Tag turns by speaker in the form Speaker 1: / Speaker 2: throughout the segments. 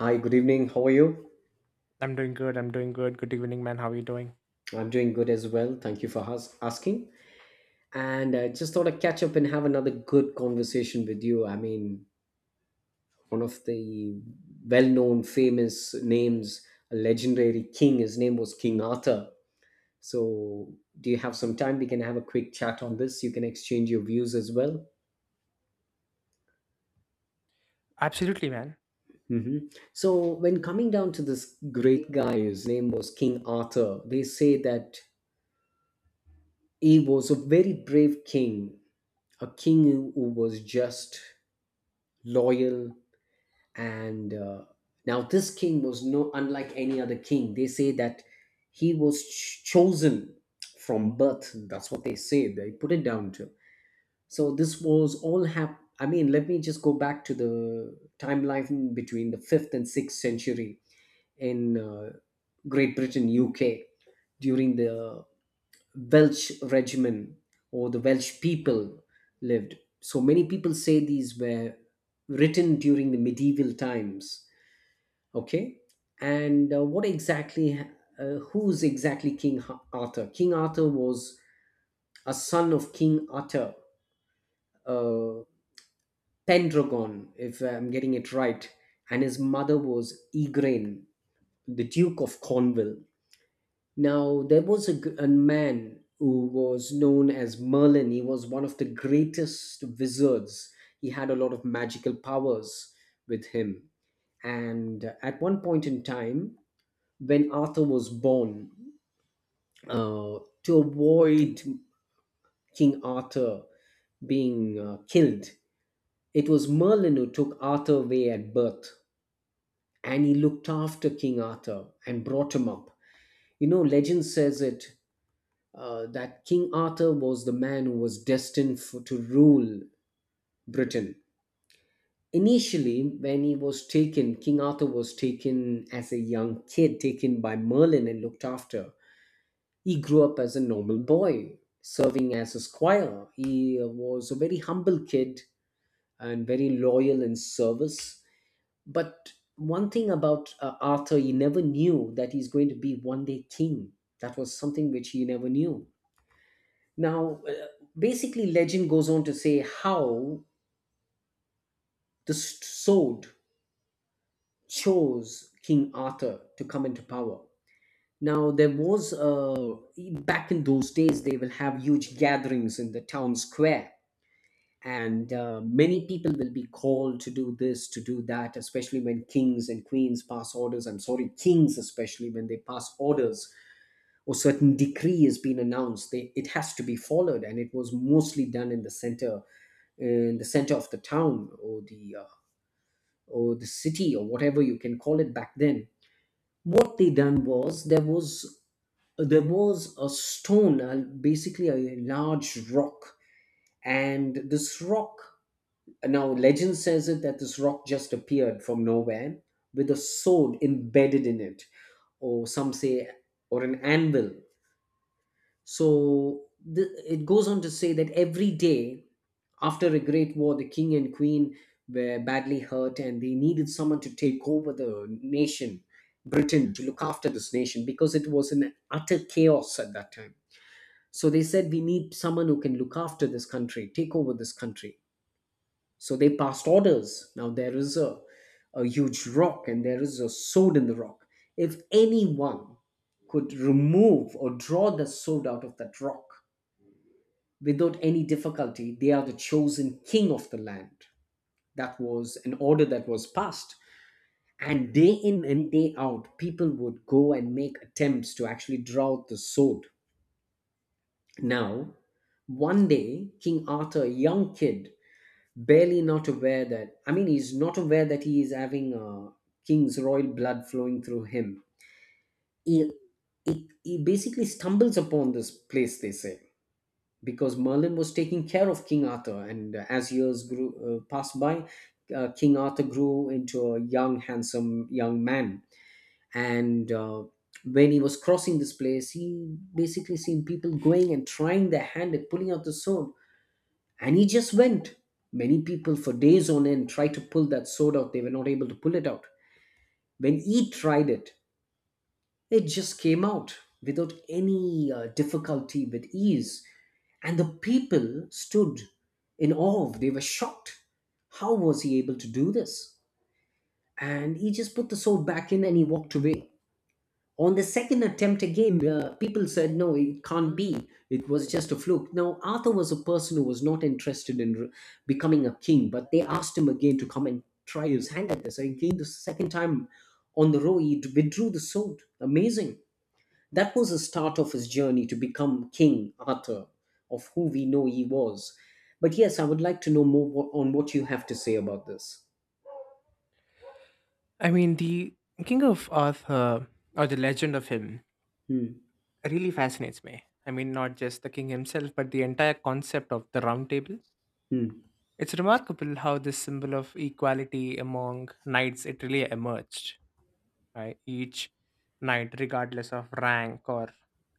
Speaker 1: Hi, good evening. How are you?
Speaker 2: I'm doing good. Good evening, man. How are you doing?
Speaker 1: I'm doing good as well. Thank you for asking. And I just thought I'd catch up and have another good conversation with you. One of the well known, famous names, a legendary king, his name was King Arthur. So, do you have some time? We can have a quick chat on this. You can exchange your views as well.
Speaker 2: Absolutely, man.
Speaker 1: hmm So, when coming down to this great guy, his name was King Arthur, they say that he was a very brave king, a king who was just loyal, and now this king was no unlike any other king. They say that he was chosen from birth. That's what they say they put it down to. So this was all let me just go back to the timeline between the 5th and 6th century in great britain uk during the Welsh regiment or the Welsh people lived. So many people say these were written during the medieval times. Okay, and what exactly? Who's exactly King Arthur? King Arthur was a son of King Arthur, uh, Pendragon, if I'm getting it right, and his mother was Igraine, the Duke of Cornwall. Now, there was a, a man who was known as Merlin. He was one of the greatest wizards. He had a lot of magical powers with him. And at one point in time, when Arthur was born, to avoid King Arthur being killed, it was Merlin who took Arthur away at birth. And he looked after King Arthur and brought him up. You know, legend says it, that King Arthur was the man who was destined for, to rule Britain. Initially, when he was taken, King Arthur was taken as a young kid, taken by Merlin and looked after. He grew up as a normal boy, serving as a squire. He was a very humble kid and very loyal in service. But one thing about Arthur, he never knew that he's going to be one day king. That was something which he never knew. Now, legend goes on to say how the sword chose King Arthur to come into power. Now, there was, back in those days, they will have huge gatherings in the town square, and many people will be called to do this, to do that, especially when kings and queens pass orders. I'm sorry, kings, especially when they pass orders or certain decree has been announced, they, it has to be followed, and it was mostly done in the center, in the center of the town or the city or whatever you can call it back then. What they done was, there was a stone, basically a large rock, and this rock, now legend says it that this rock just appeared from nowhere with a sword embedded in it, or some say, or an anvil. so the, it goes on to say that every day, after a great war, the king and queen were badly hurt and they needed someone to take over the nation, Britain, to look after this nation because it was in utter chaos at that time. So they said, we need someone who can look after this country, take over this country. So they passed orders. Now there is a huge rock and there is a sword in the rock. If anyone could remove or draw the sword out of that rock without any difficulty, they are the chosen king of the land. That was an order that was passed, and day in and day out people would go and make attempts to actually draw out the sword. Now one day King Arthur, a young kid, barely not aware, that I mean he's not aware that he is having a king's royal blood flowing through him, he, he basically stumbles upon this place, they say, because Merlin was taking care of King Arthur. And as years grew, passed by, King Arthur grew into a young, handsome young man. And when he was crossing this place, he basically seen people going and trying their hand at pulling out the sword, and he just went. Many people for days on end tried to pull that sword out; they were not able to pull it out. When he tried it, it just came out without any difficulty, with ease, and the people stood in awe. They were shocked. How was he able to do this? And he just put the sword back in and he walked away. On the second attempt again, the people said, no, it can't be. It was just a fluke. Now, Arthur was a person who was not interested in becoming a king, but they asked him again to come and try his hand at this. Again, the second time on the row, he withdrew the sword. Amazing. That was the start of his journey to become King Arthur, of who we know he was. But yes, I would like to know more on what you have to say about this.
Speaker 2: I mean, the King of Arthur or the legend of him
Speaker 1: Hmm.
Speaker 2: really fascinates me. I mean, not just the king himself, but the entire concept of the round table.
Speaker 1: Hmm.
Speaker 2: It's remarkable how this symbol of equality among knights it really emerged. Right? Each knight, regardless of rank or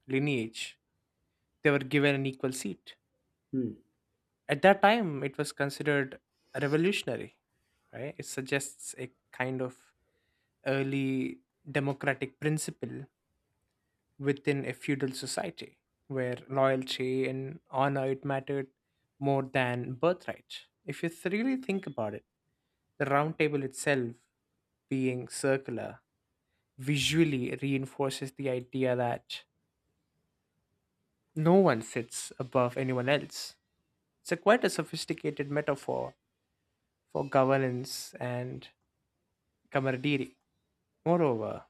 Speaker 2: lineage, they were given an equal seat.
Speaker 1: Hmm.
Speaker 2: At that time, it was considered revolutionary. Right? It suggests a kind of early democratic principle within a feudal society where loyalty and honor it mattered more than birthright. If you really think about it, the round table itself being circular visually reinforces the idea that no one sits above anyone else. It's a quite a sophisticated metaphor for governance and camaraderie. Moreover,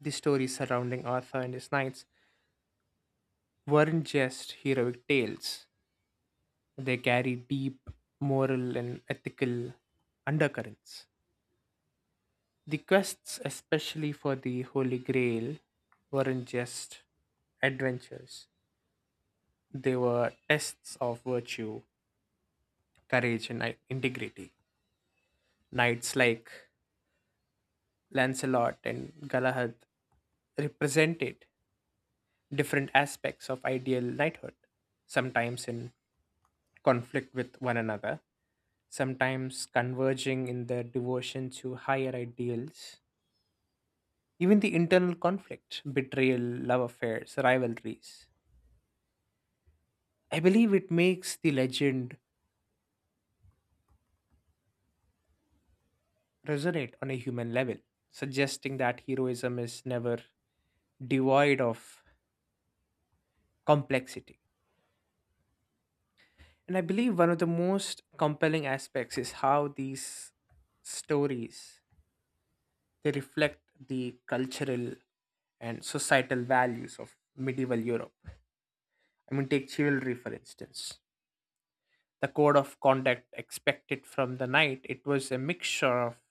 Speaker 2: the stories surrounding Arthur and his knights weren't just heroic tales. They carry deep moral and ethical undercurrents. The quests, especially for the Holy Grail, weren't just adventures, they were tests of virtue, courage, and integrity. Knights like Lancelot and Galahad represented different aspects of ideal knighthood, sometimes in conflict with one another, sometimes converging in their devotion to higher ideals. Even the internal conflict, betrayal, love affairs, rivalries. I believe it makes the legend resonate on a human level, suggesting that heroism is never devoid of complexity. And I believe one of the most compelling aspects is how these stories they reflect the cultural and societal values of medieval Europe. I mean, take chivalry for instance. The code of conduct expected from the knight it was a mixture of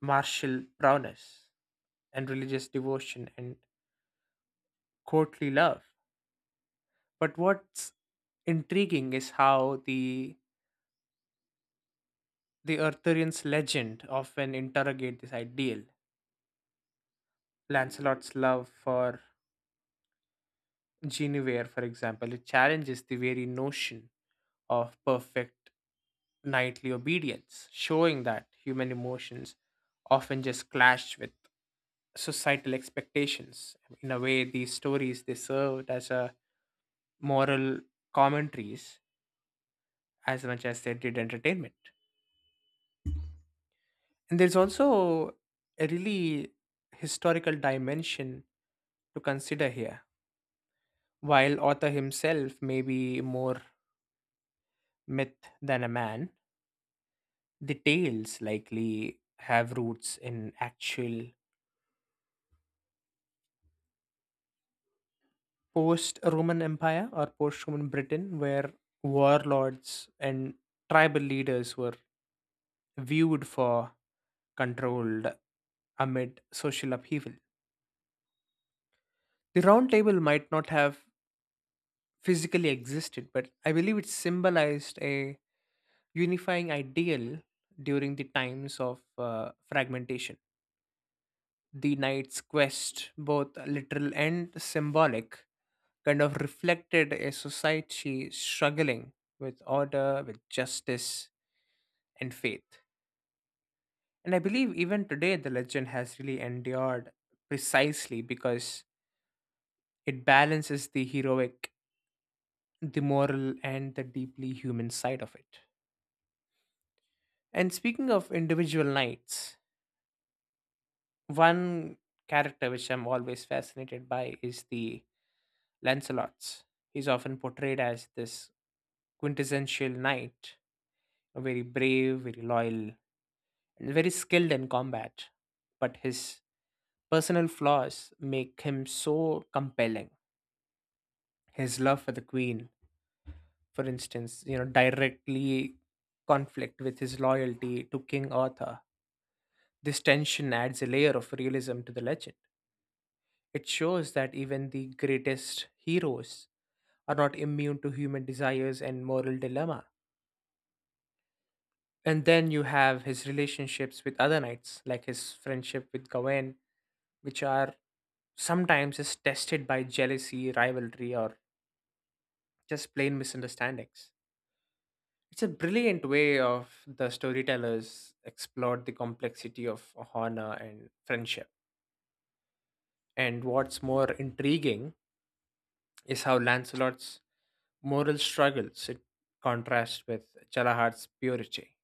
Speaker 2: martial prowess and religious devotion and courtly love. But what's intriguing is how the Arthurian's legend often interrogate this ideal. Lancelot's love for Guinevere, for example, it challenges the very notion of perfect knightly obedience, showing that human emotions often just clash with societal expectations. In a way, these stories they served as a moral commentaries as much as they did entertainment. And there's also a really historical dimension to consider here. While author himself may be more myth than a man, the tales likely have roots in actual post Roman Empire or post Roman Britain, where warlords and tribal leaders were viewed for controlled amid social upheaval. The round table might not have physically existed, but I believe it symbolized a unifying ideal during the times of fragmentation. The knight's quest, both literal and symbolic, kind of reflected a society struggling with order, with justice, and faith. And I believe even today the legend has really endured precisely because it balances the heroic, the moral, and the deeply human side of it. And speaking of individual knights, one character which I'm always fascinated by is the Lancelots. He's often portrayed as this quintessential knight, a very brave, very loyal, and very skilled in combat. But his personal flaws make him so compelling. His love for the queen, for instance, you know, directly conflict with his loyalty to King Arthur. This tension adds a layer of realism to the legend. It shows that even the greatest heroes are not immune to human desires and moral dilemma. And then you have his relationships with other knights, like his friendship with Gawain, which are sometimes is tested by jealousy, rivalry, or just plain misunderstandings. It's a brilliant way of the storytellers explored the complexity of honor and friendship. And what's more intriguing is how Lancelot's moral struggles it contrasts with Chalahat's purity.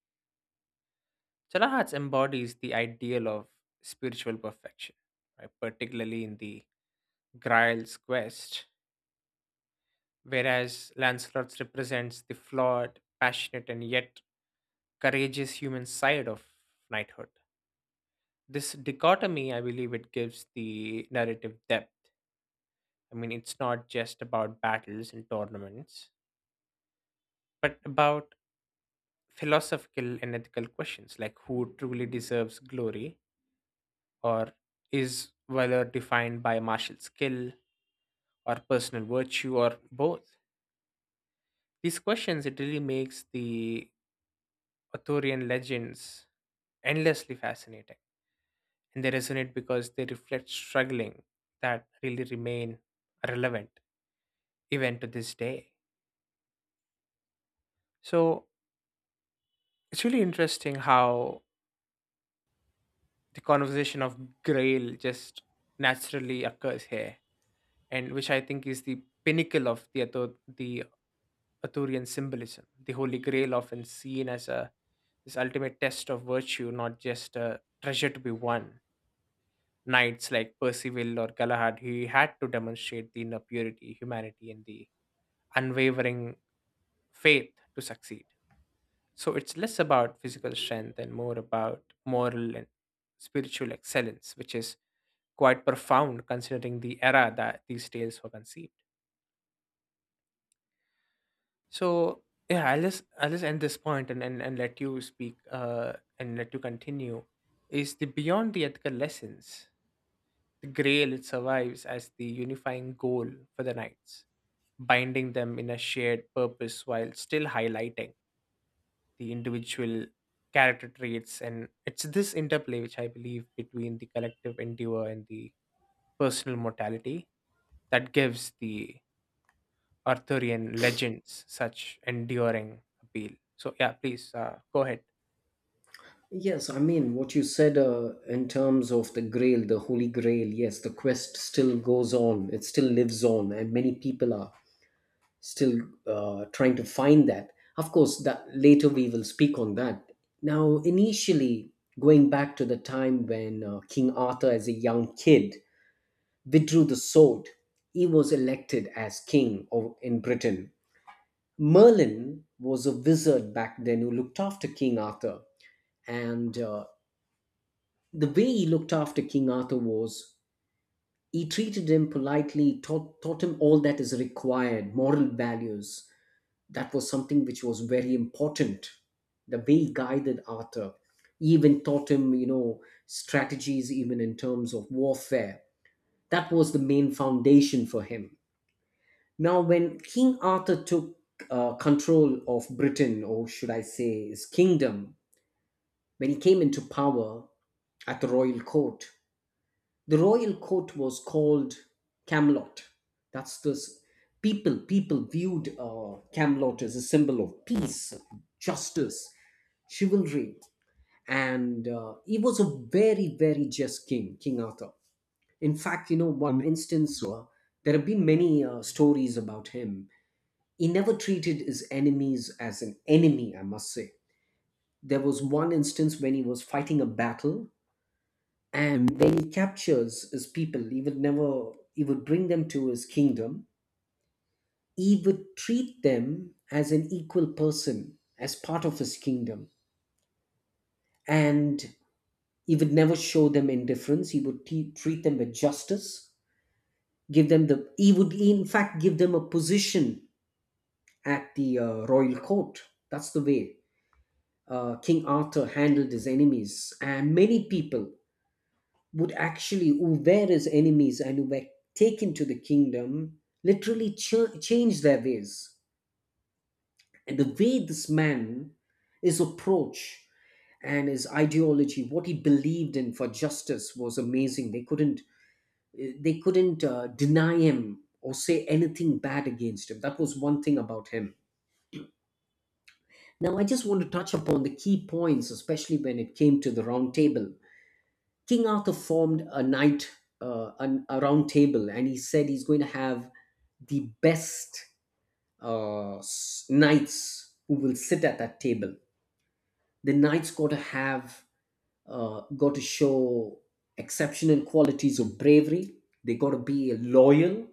Speaker 2: Chalahat's embodies the ideal of spiritual perfection, right? Particularly in the Grail's quest, whereas Lancelot's represents the flawed, passionate, and yet courageous human side of knighthood. This dichotomy, I believe, it gives the narrative depth. I mean, it's not just about battles and tournaments, but about philosophical and ethical questions like who truly deserves glory, or is valor defined by martial skill or personal virtue or both. These questions it really makes the Arthurian legends endlessly fascinating, and they resonate because they reflect struggling that really remain relevant even to this day. So it's really interesting how the conversation of grail just naturally occurs here, and which I think is the pinnacle of the the Arthurian symbolism, the holy grail often seen as a this ultimate test of virtue, not just a treasure to be won. Knights like Percival or Galahad, he had to demonstrate the inner purity, humanity, and the unwavering faith to succeed. So it's less about physical strength and more about moral and spiritual excellence, which is quite profound considering the era that these tales were conceived. So yeah, I'll just end this point and and let you speak, and let you continue. Is the beyond the ethical lessons, the grail it survives as the unifying goal for the knights, binding them in a shared purpose while still highlighting the individual character traits, and it's this interplay which I believe between the collective endeavor and the personal mortality that gives the Arthurian legends such enduring appeal? So yeah, please go ahead.
Speaker 1: Yes, I mean, what you said, in terms of the Grail, the Holy Grail, yes, the quest still goes on, it still lives on, and many people are still trying to find that. Of course, that later we will speak on that. Now, initially, going back to the time when King Arthur, as a young kid, withdrew the sword, he was elected as king of, in Britain. Merlin was a wizard back then who looked after King Arthur. And the way he looked after King Arthur was he treated him politely, taught him all that is required, moral values. That was something which was very important. The way he guided Arthur, he even taught him, you know, strategies even in terms of warfare. That was the main foundation for him. Now, when King Arthur took control of Britain, or should I say his kingdom, when he came into power at the royal court was called Camelot. That's this, people viewed Camelot as a symbol of peace, justice, chivalry. And he was a very, very just king, King Arthur. In fact, you know, one instance, there have been many stories about him. He never treated his enemies as an enemy, I must say. There was one instance when he was fighting a battle, and when he captures his people, he would never, he would bring them to his kingdom. He would treat them as an equal person, as part of his kingdom. And he would never show them indifference. He would treat them with justice, he would in fact give them a position at the royal court. That's the way King Arthur handled his enemies, and many people would actually, who were his enemies and who were taken to the kingdom, literally change their ways. And the way this man, his approach and his ideology, what he believed in for justice, was amazing. They couldn't deny him or say anything bad against him. That was one thing about him. Now, I just want to touch upon the key points, especially when it came to the round table. King Arthur formed a night, a round table, and he said he's going to have the best uh, knights who will sit at that table. The knights got to have, got to show exceptional qualities of bravery. They got to be loyal,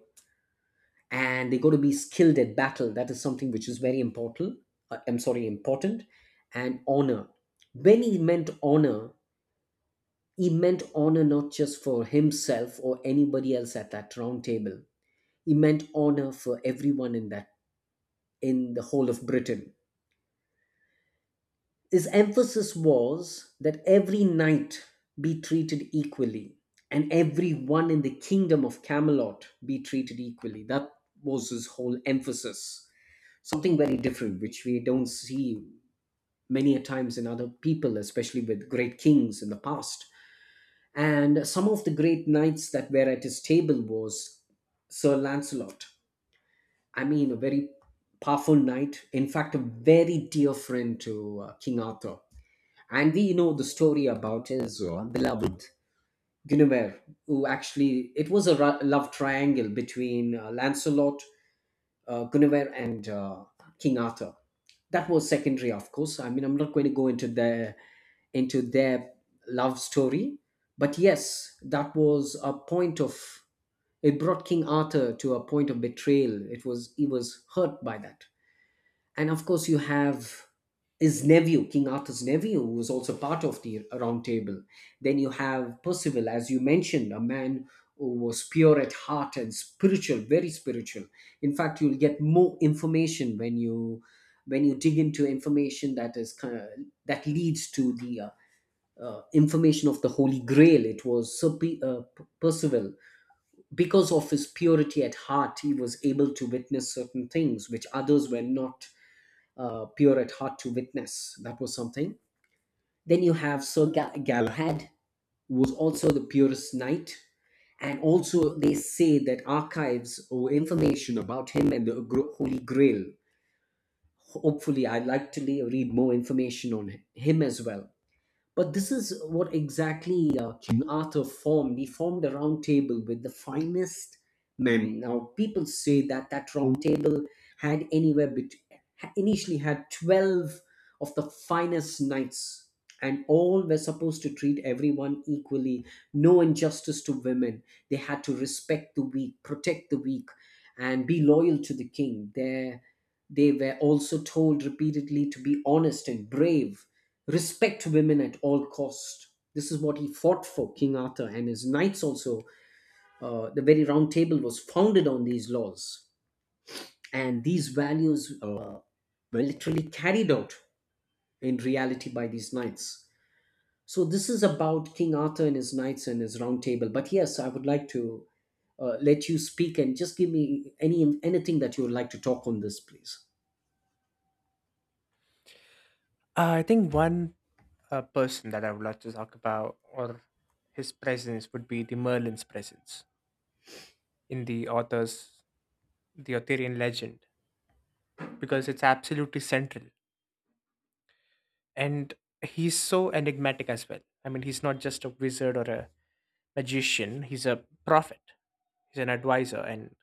Speaker 1: and they got to be skilled at battle. That is something which is very important. Important, and honor. When he meant honor, he meant honor not just for himself or anybody else at that round table. He meant honor for everyone in that, in the whole of Britain. His emphasis was that every knight be treated equally and everyone in the kingdom of Camelot be treated equally. That was his whole emphasis. Something very different, which we don't see many a times in other people, especially with great kings in the past. And some of the great knights that were at his table was Sir Lancelot. I mean, a very powerful knight. In fact, a very dear friend to King Arthur. And we know the story about his beloved Guinevere, who actually it was a love triangle between Lancelot, Guinevere, and King Arthur. That was secondary, of course. I mean, I'm not going to go into the, into their love story. But yes, that was a point of, it brought King Arthur to a point of betrayal. It was, he was hurt by that. And of course you have his nephew, King Arthur's nephew, who was also part of the round table. Then you have Percival, as you mentioned, a man who was pure at heart and spiritual, very spiritual. In fact, you'll get more information when you dig into information that is kind of, that leads to the information of the Holy Grail. It was Sir Percival. Because of his purity at heart, he was able to witness certain things which others were not pure at heart to witness. That was something. Then you have Sir Galahad, who was also the purest knight. And also, they say that archives or information about him and the Holy Grail. Hopefully, I'd like to read more information on him as well. But this is what exactly King Arthur formed. He formed a round table with the finest men. Now, people say that that round table had anywhere between, initially had 12 of the finest knights, and all were supposed to treat everyone equally, no injustice to women. They had to respect the weak, protect the weak, and be loyal to the king. Their they were also told repeatedly to be honest and brave, respect women at all cost. This is what he fought for, King Arthur and his knights. Also, the very round table was founded on these laws and these values, were literally carried out in reality by these knights. So this is about King Arthur and his knights and his round table. But yes, I would like to let you speak and just give me anything that you would like to talk on this, please.
Speaker 2: I think one person that I would like to talk about, or his presence, would be the Merlin's presence in the author's the Arthurian legend, because it's absolutely central, and he's so enigmatic as well. I mean, he's not just a wizard or a magician, he's a prophet, he's an advisor, and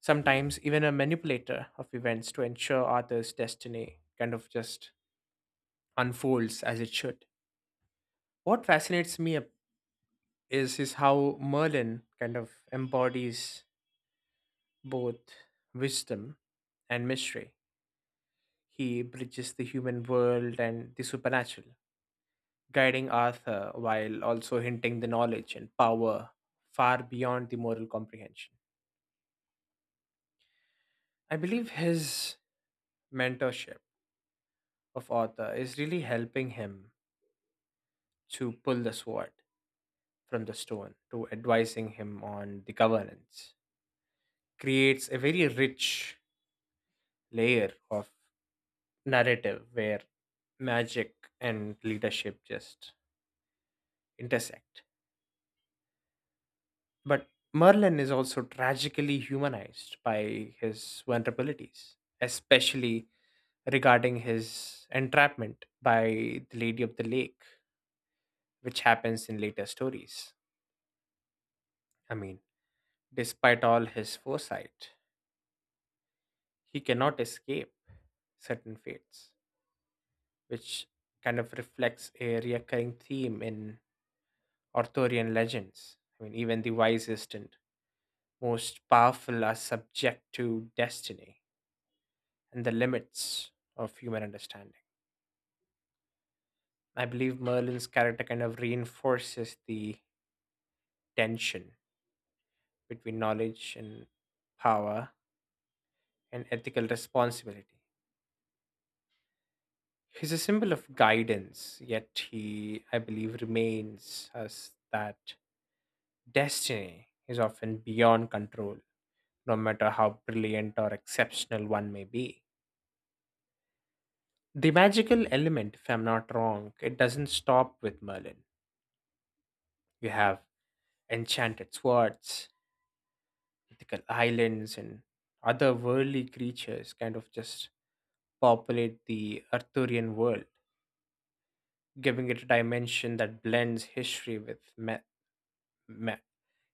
Speaker 2: sometimes even a manipulator of events to ensure Arthur's destiny kind of just unfolds as it should. What fascinates me is how Merlin kind of embodies both wisdom and mystery. He bridges the human world and the supernatural, guiding Arthur while also hinting the knowledge and power far beyond the moral comprehension. I believe his mentorship of Arthur is really helping him to pull the sword from the stone to advising him on the governance creates a very rich layer of narrative where magic and leadership just intersect. But Merlin is also tragically humanized by his vulnerabilities, especially regarding his entrapment by the Lady of the Lake, which happens in later stories. I mean, despite all his foresight, he cannot escape certain fates, which kind of reflects a recurring theme in Arthurian legends. I mean, even the wisest and most powerful are subject to destiny and the limits of human understanding. I believe Merlin's character kind of reinforces the tension between knowledge and power and ethical responsibility. He's a symbol of guidance, yet he, I believe, remains as that destiny is often beyond control, no matter how brilliant or exceptional one may be. The magical element, if I'm not wrong, it doesn't stop with Merlin. You have enchanted swords, mythical islands, and other worldly creatures kind of just populate the Arthurian world, giving it a dimension that blends history with ma-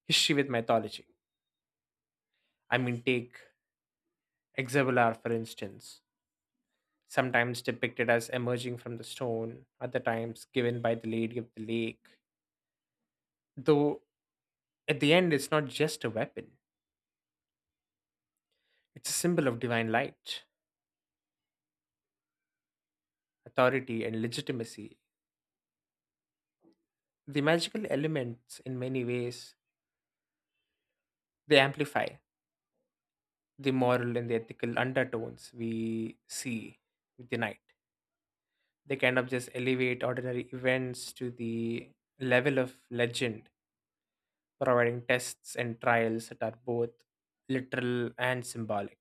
Speaker 2: history with mythology. I mean, take Exavelar for instance, sometimes depicted as emerging from the stone, other times given by the Lady of the Lake. Though at the end, it's not just a weapon. It's a symbol of divine light, authority, and legitimacy. The magical elements, in many ways, they amplify the moral and the ethical undertones we see with the night. They kind of just elevate ordinary events to the level of legend, providing tests and trials that are both literal and symbolic.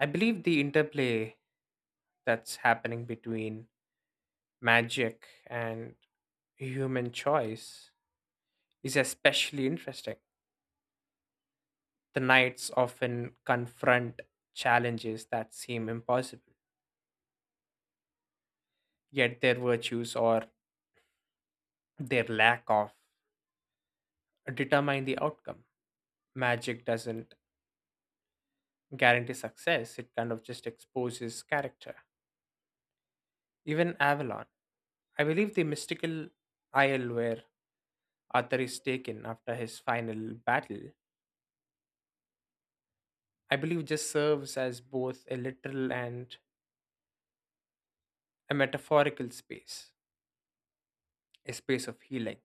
Speaker 2: I believe the interplay that's happening between magic and human choice is especially interesting. The knights often confront challenges that seem impossible, yet their virtues, or their lack of, determine the outcome. Magic doesn't guarantee success, it kind of just exposes character. Even Avalon. I believe the mystical isle where Arthur is taken after his final battle, I believe, just serves as both a literal and a metaphorical space, a space of healing,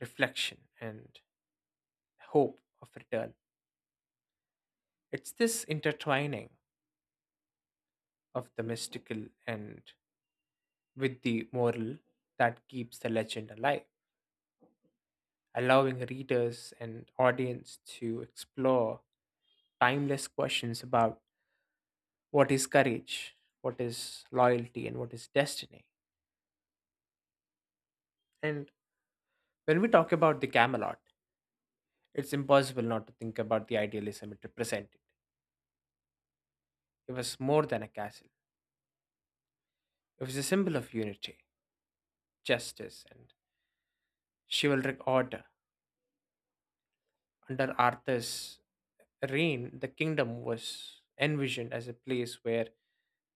Speaker 2: reflection, and hope of return. It's this intertwining of the mystical and with the moral that keeps the legend alive, allowing readers and audience to explore timeless questions about what is courage, what is loyalty, and what is destiny. And when we talk about the Camelot, it's impossible not to think about the idealism it represented. It was more than a castle, it was a symbol of unity, justice, and chivalric order. Under Arthur's reign, the kingdom was envisioned as a place where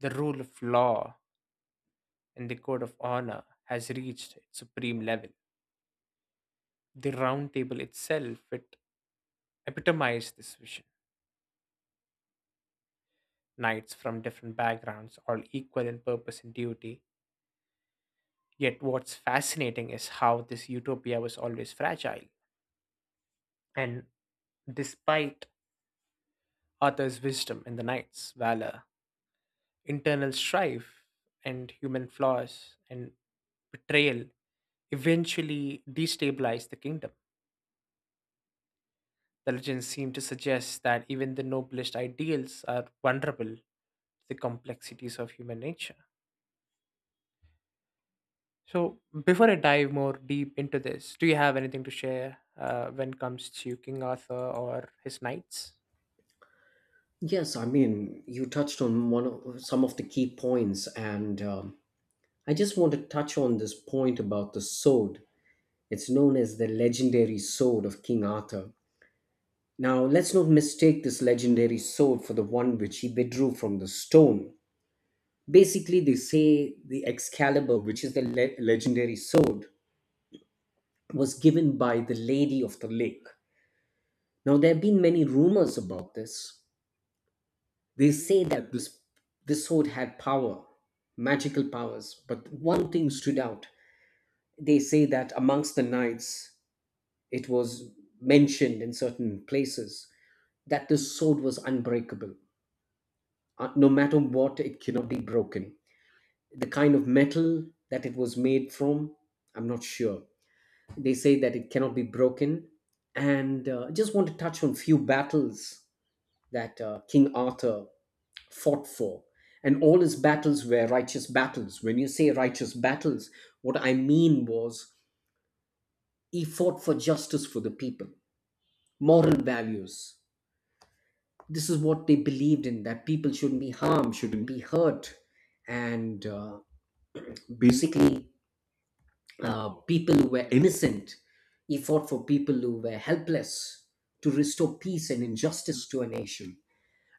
Speaker 2: the rule of law and the code of honor has reached its supreme level. The round table itself it epitomized this vision. Knights from different backgrounds, all equal in purpose and duty. Yet what's fascinating is how this utopia was always fragile. And despite Arthur's wisdom and the knight's valor, internal strife and human flaws and betrayal eventually destabilized the kingdom. The legends seem to suggest that even the noblest ideals are vulnerable to the complexities of human nature. So, before I dive more deep into this, do you have anything to share when it comes to King Arthur or his knights?
Speaker 1: Yes, I mean, you touched on one of some of the key points, and I just want to touch on this point about the sword. It's known as the legendary sword of King Arthur. Now, let's not mistake this legendary sword for the one which he withdrew from the stone. Basically, they say the Excalibur, which is the legendary sword, was given by the Lady of the Lake. Now, there have been many rumors about this. They say that this sword had power, magical powers, but one thing stood out. They say that amongst the knights, it was mentioned in certain places that this sword was unbreakable. No matter what, it cannot be broken. The kind of metal that it was made from, I'm not sure. They say that it cannot be broken. And I just want to touch on a few battles that King Arthur fought for. And all his battles were righteous battles. When you say righteous battles, what I mean was he fought for justice for the people, moral values. This is what they believed in, that people shouldn't be harmed, shouldn't be hurt, and basically people who were innocent, he fought for people who were helpless, to restore peace and injustice to a nation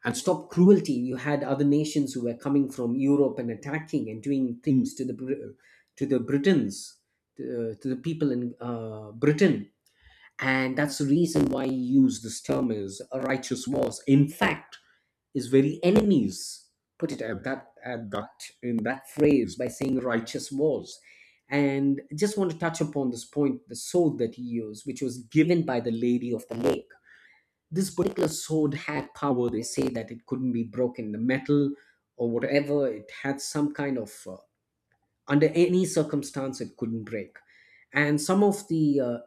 Speaker 1: and stop cruelty. You had other nations who were coming from Europe and attacking and doing things to the to the britons, to the people in Britain. And that's the reason why he used this term as a righteous wars. In fact, his very enemies put it at that phrase by saying righteous wars. And just want to touch upon this point, the sword that he used, which was given by the Lady of the Lake. This particular sword had power. They say that it couldn't be broken. The metal or whatever, it had some kind of, under any circumstance, it couldn't break. And some of the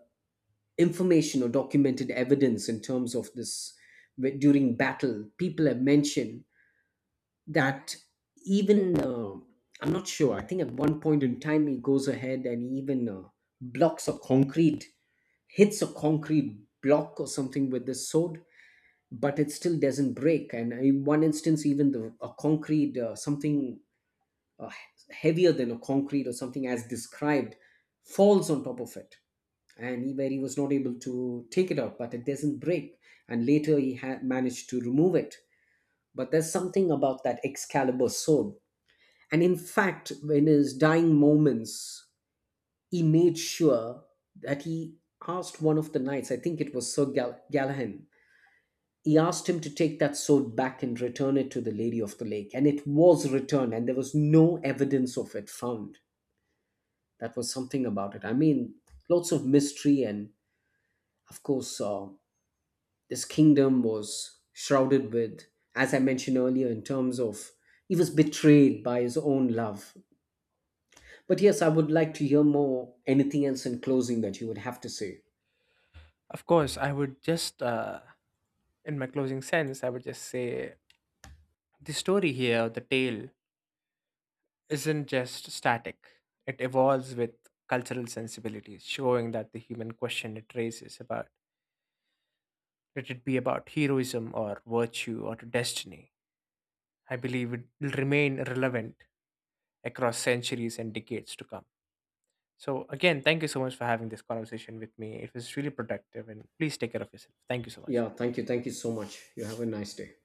Speaker 1: information or documented evidence in terms of this during battle, people have mentioned that even I'm not sure. I think at one point in time he goes ahead and even blocks a hits a concrete block or something with this sword, but it still doesn't break. And in one instance, even the a concrete something, uh, heavier than a concrete or something as described, falls on top of it. And where he was not able to take it out, but it doesn't break. And later he had managed to remove it. But there's something about that Excalibur sword. And in fact, in his dying moments, he made sure that he asked one of the knights, I think it was Sir Galahad, he asked him to take that sword back and return it to the Lady of the Lake. And it was returned, and there was no evidence of it found. That was something about it. I mean, lots of mystery, and of course, this kingdom was shrouded with, as I mentioned earlier, in terms of he was betrayed by his own love. But yes, I would like to hear more, anything else in closing that you would have to say.
Speaker 2: Of course, I would just, in my closing sense, I would just say the story here, the tale isn't just static, it evolves with cultural sensibilities, showing that the human question it raises about, let it be about heroism or virtue or destiny, I believe it will remain relevant across centuries and decades to come. So, again, thank you so much for having this conversation with me. It was really productive, and please take care of yourself. Thank you so much.
Speaker 1: Yeah, thank you. Thank you so much. You have a nice day.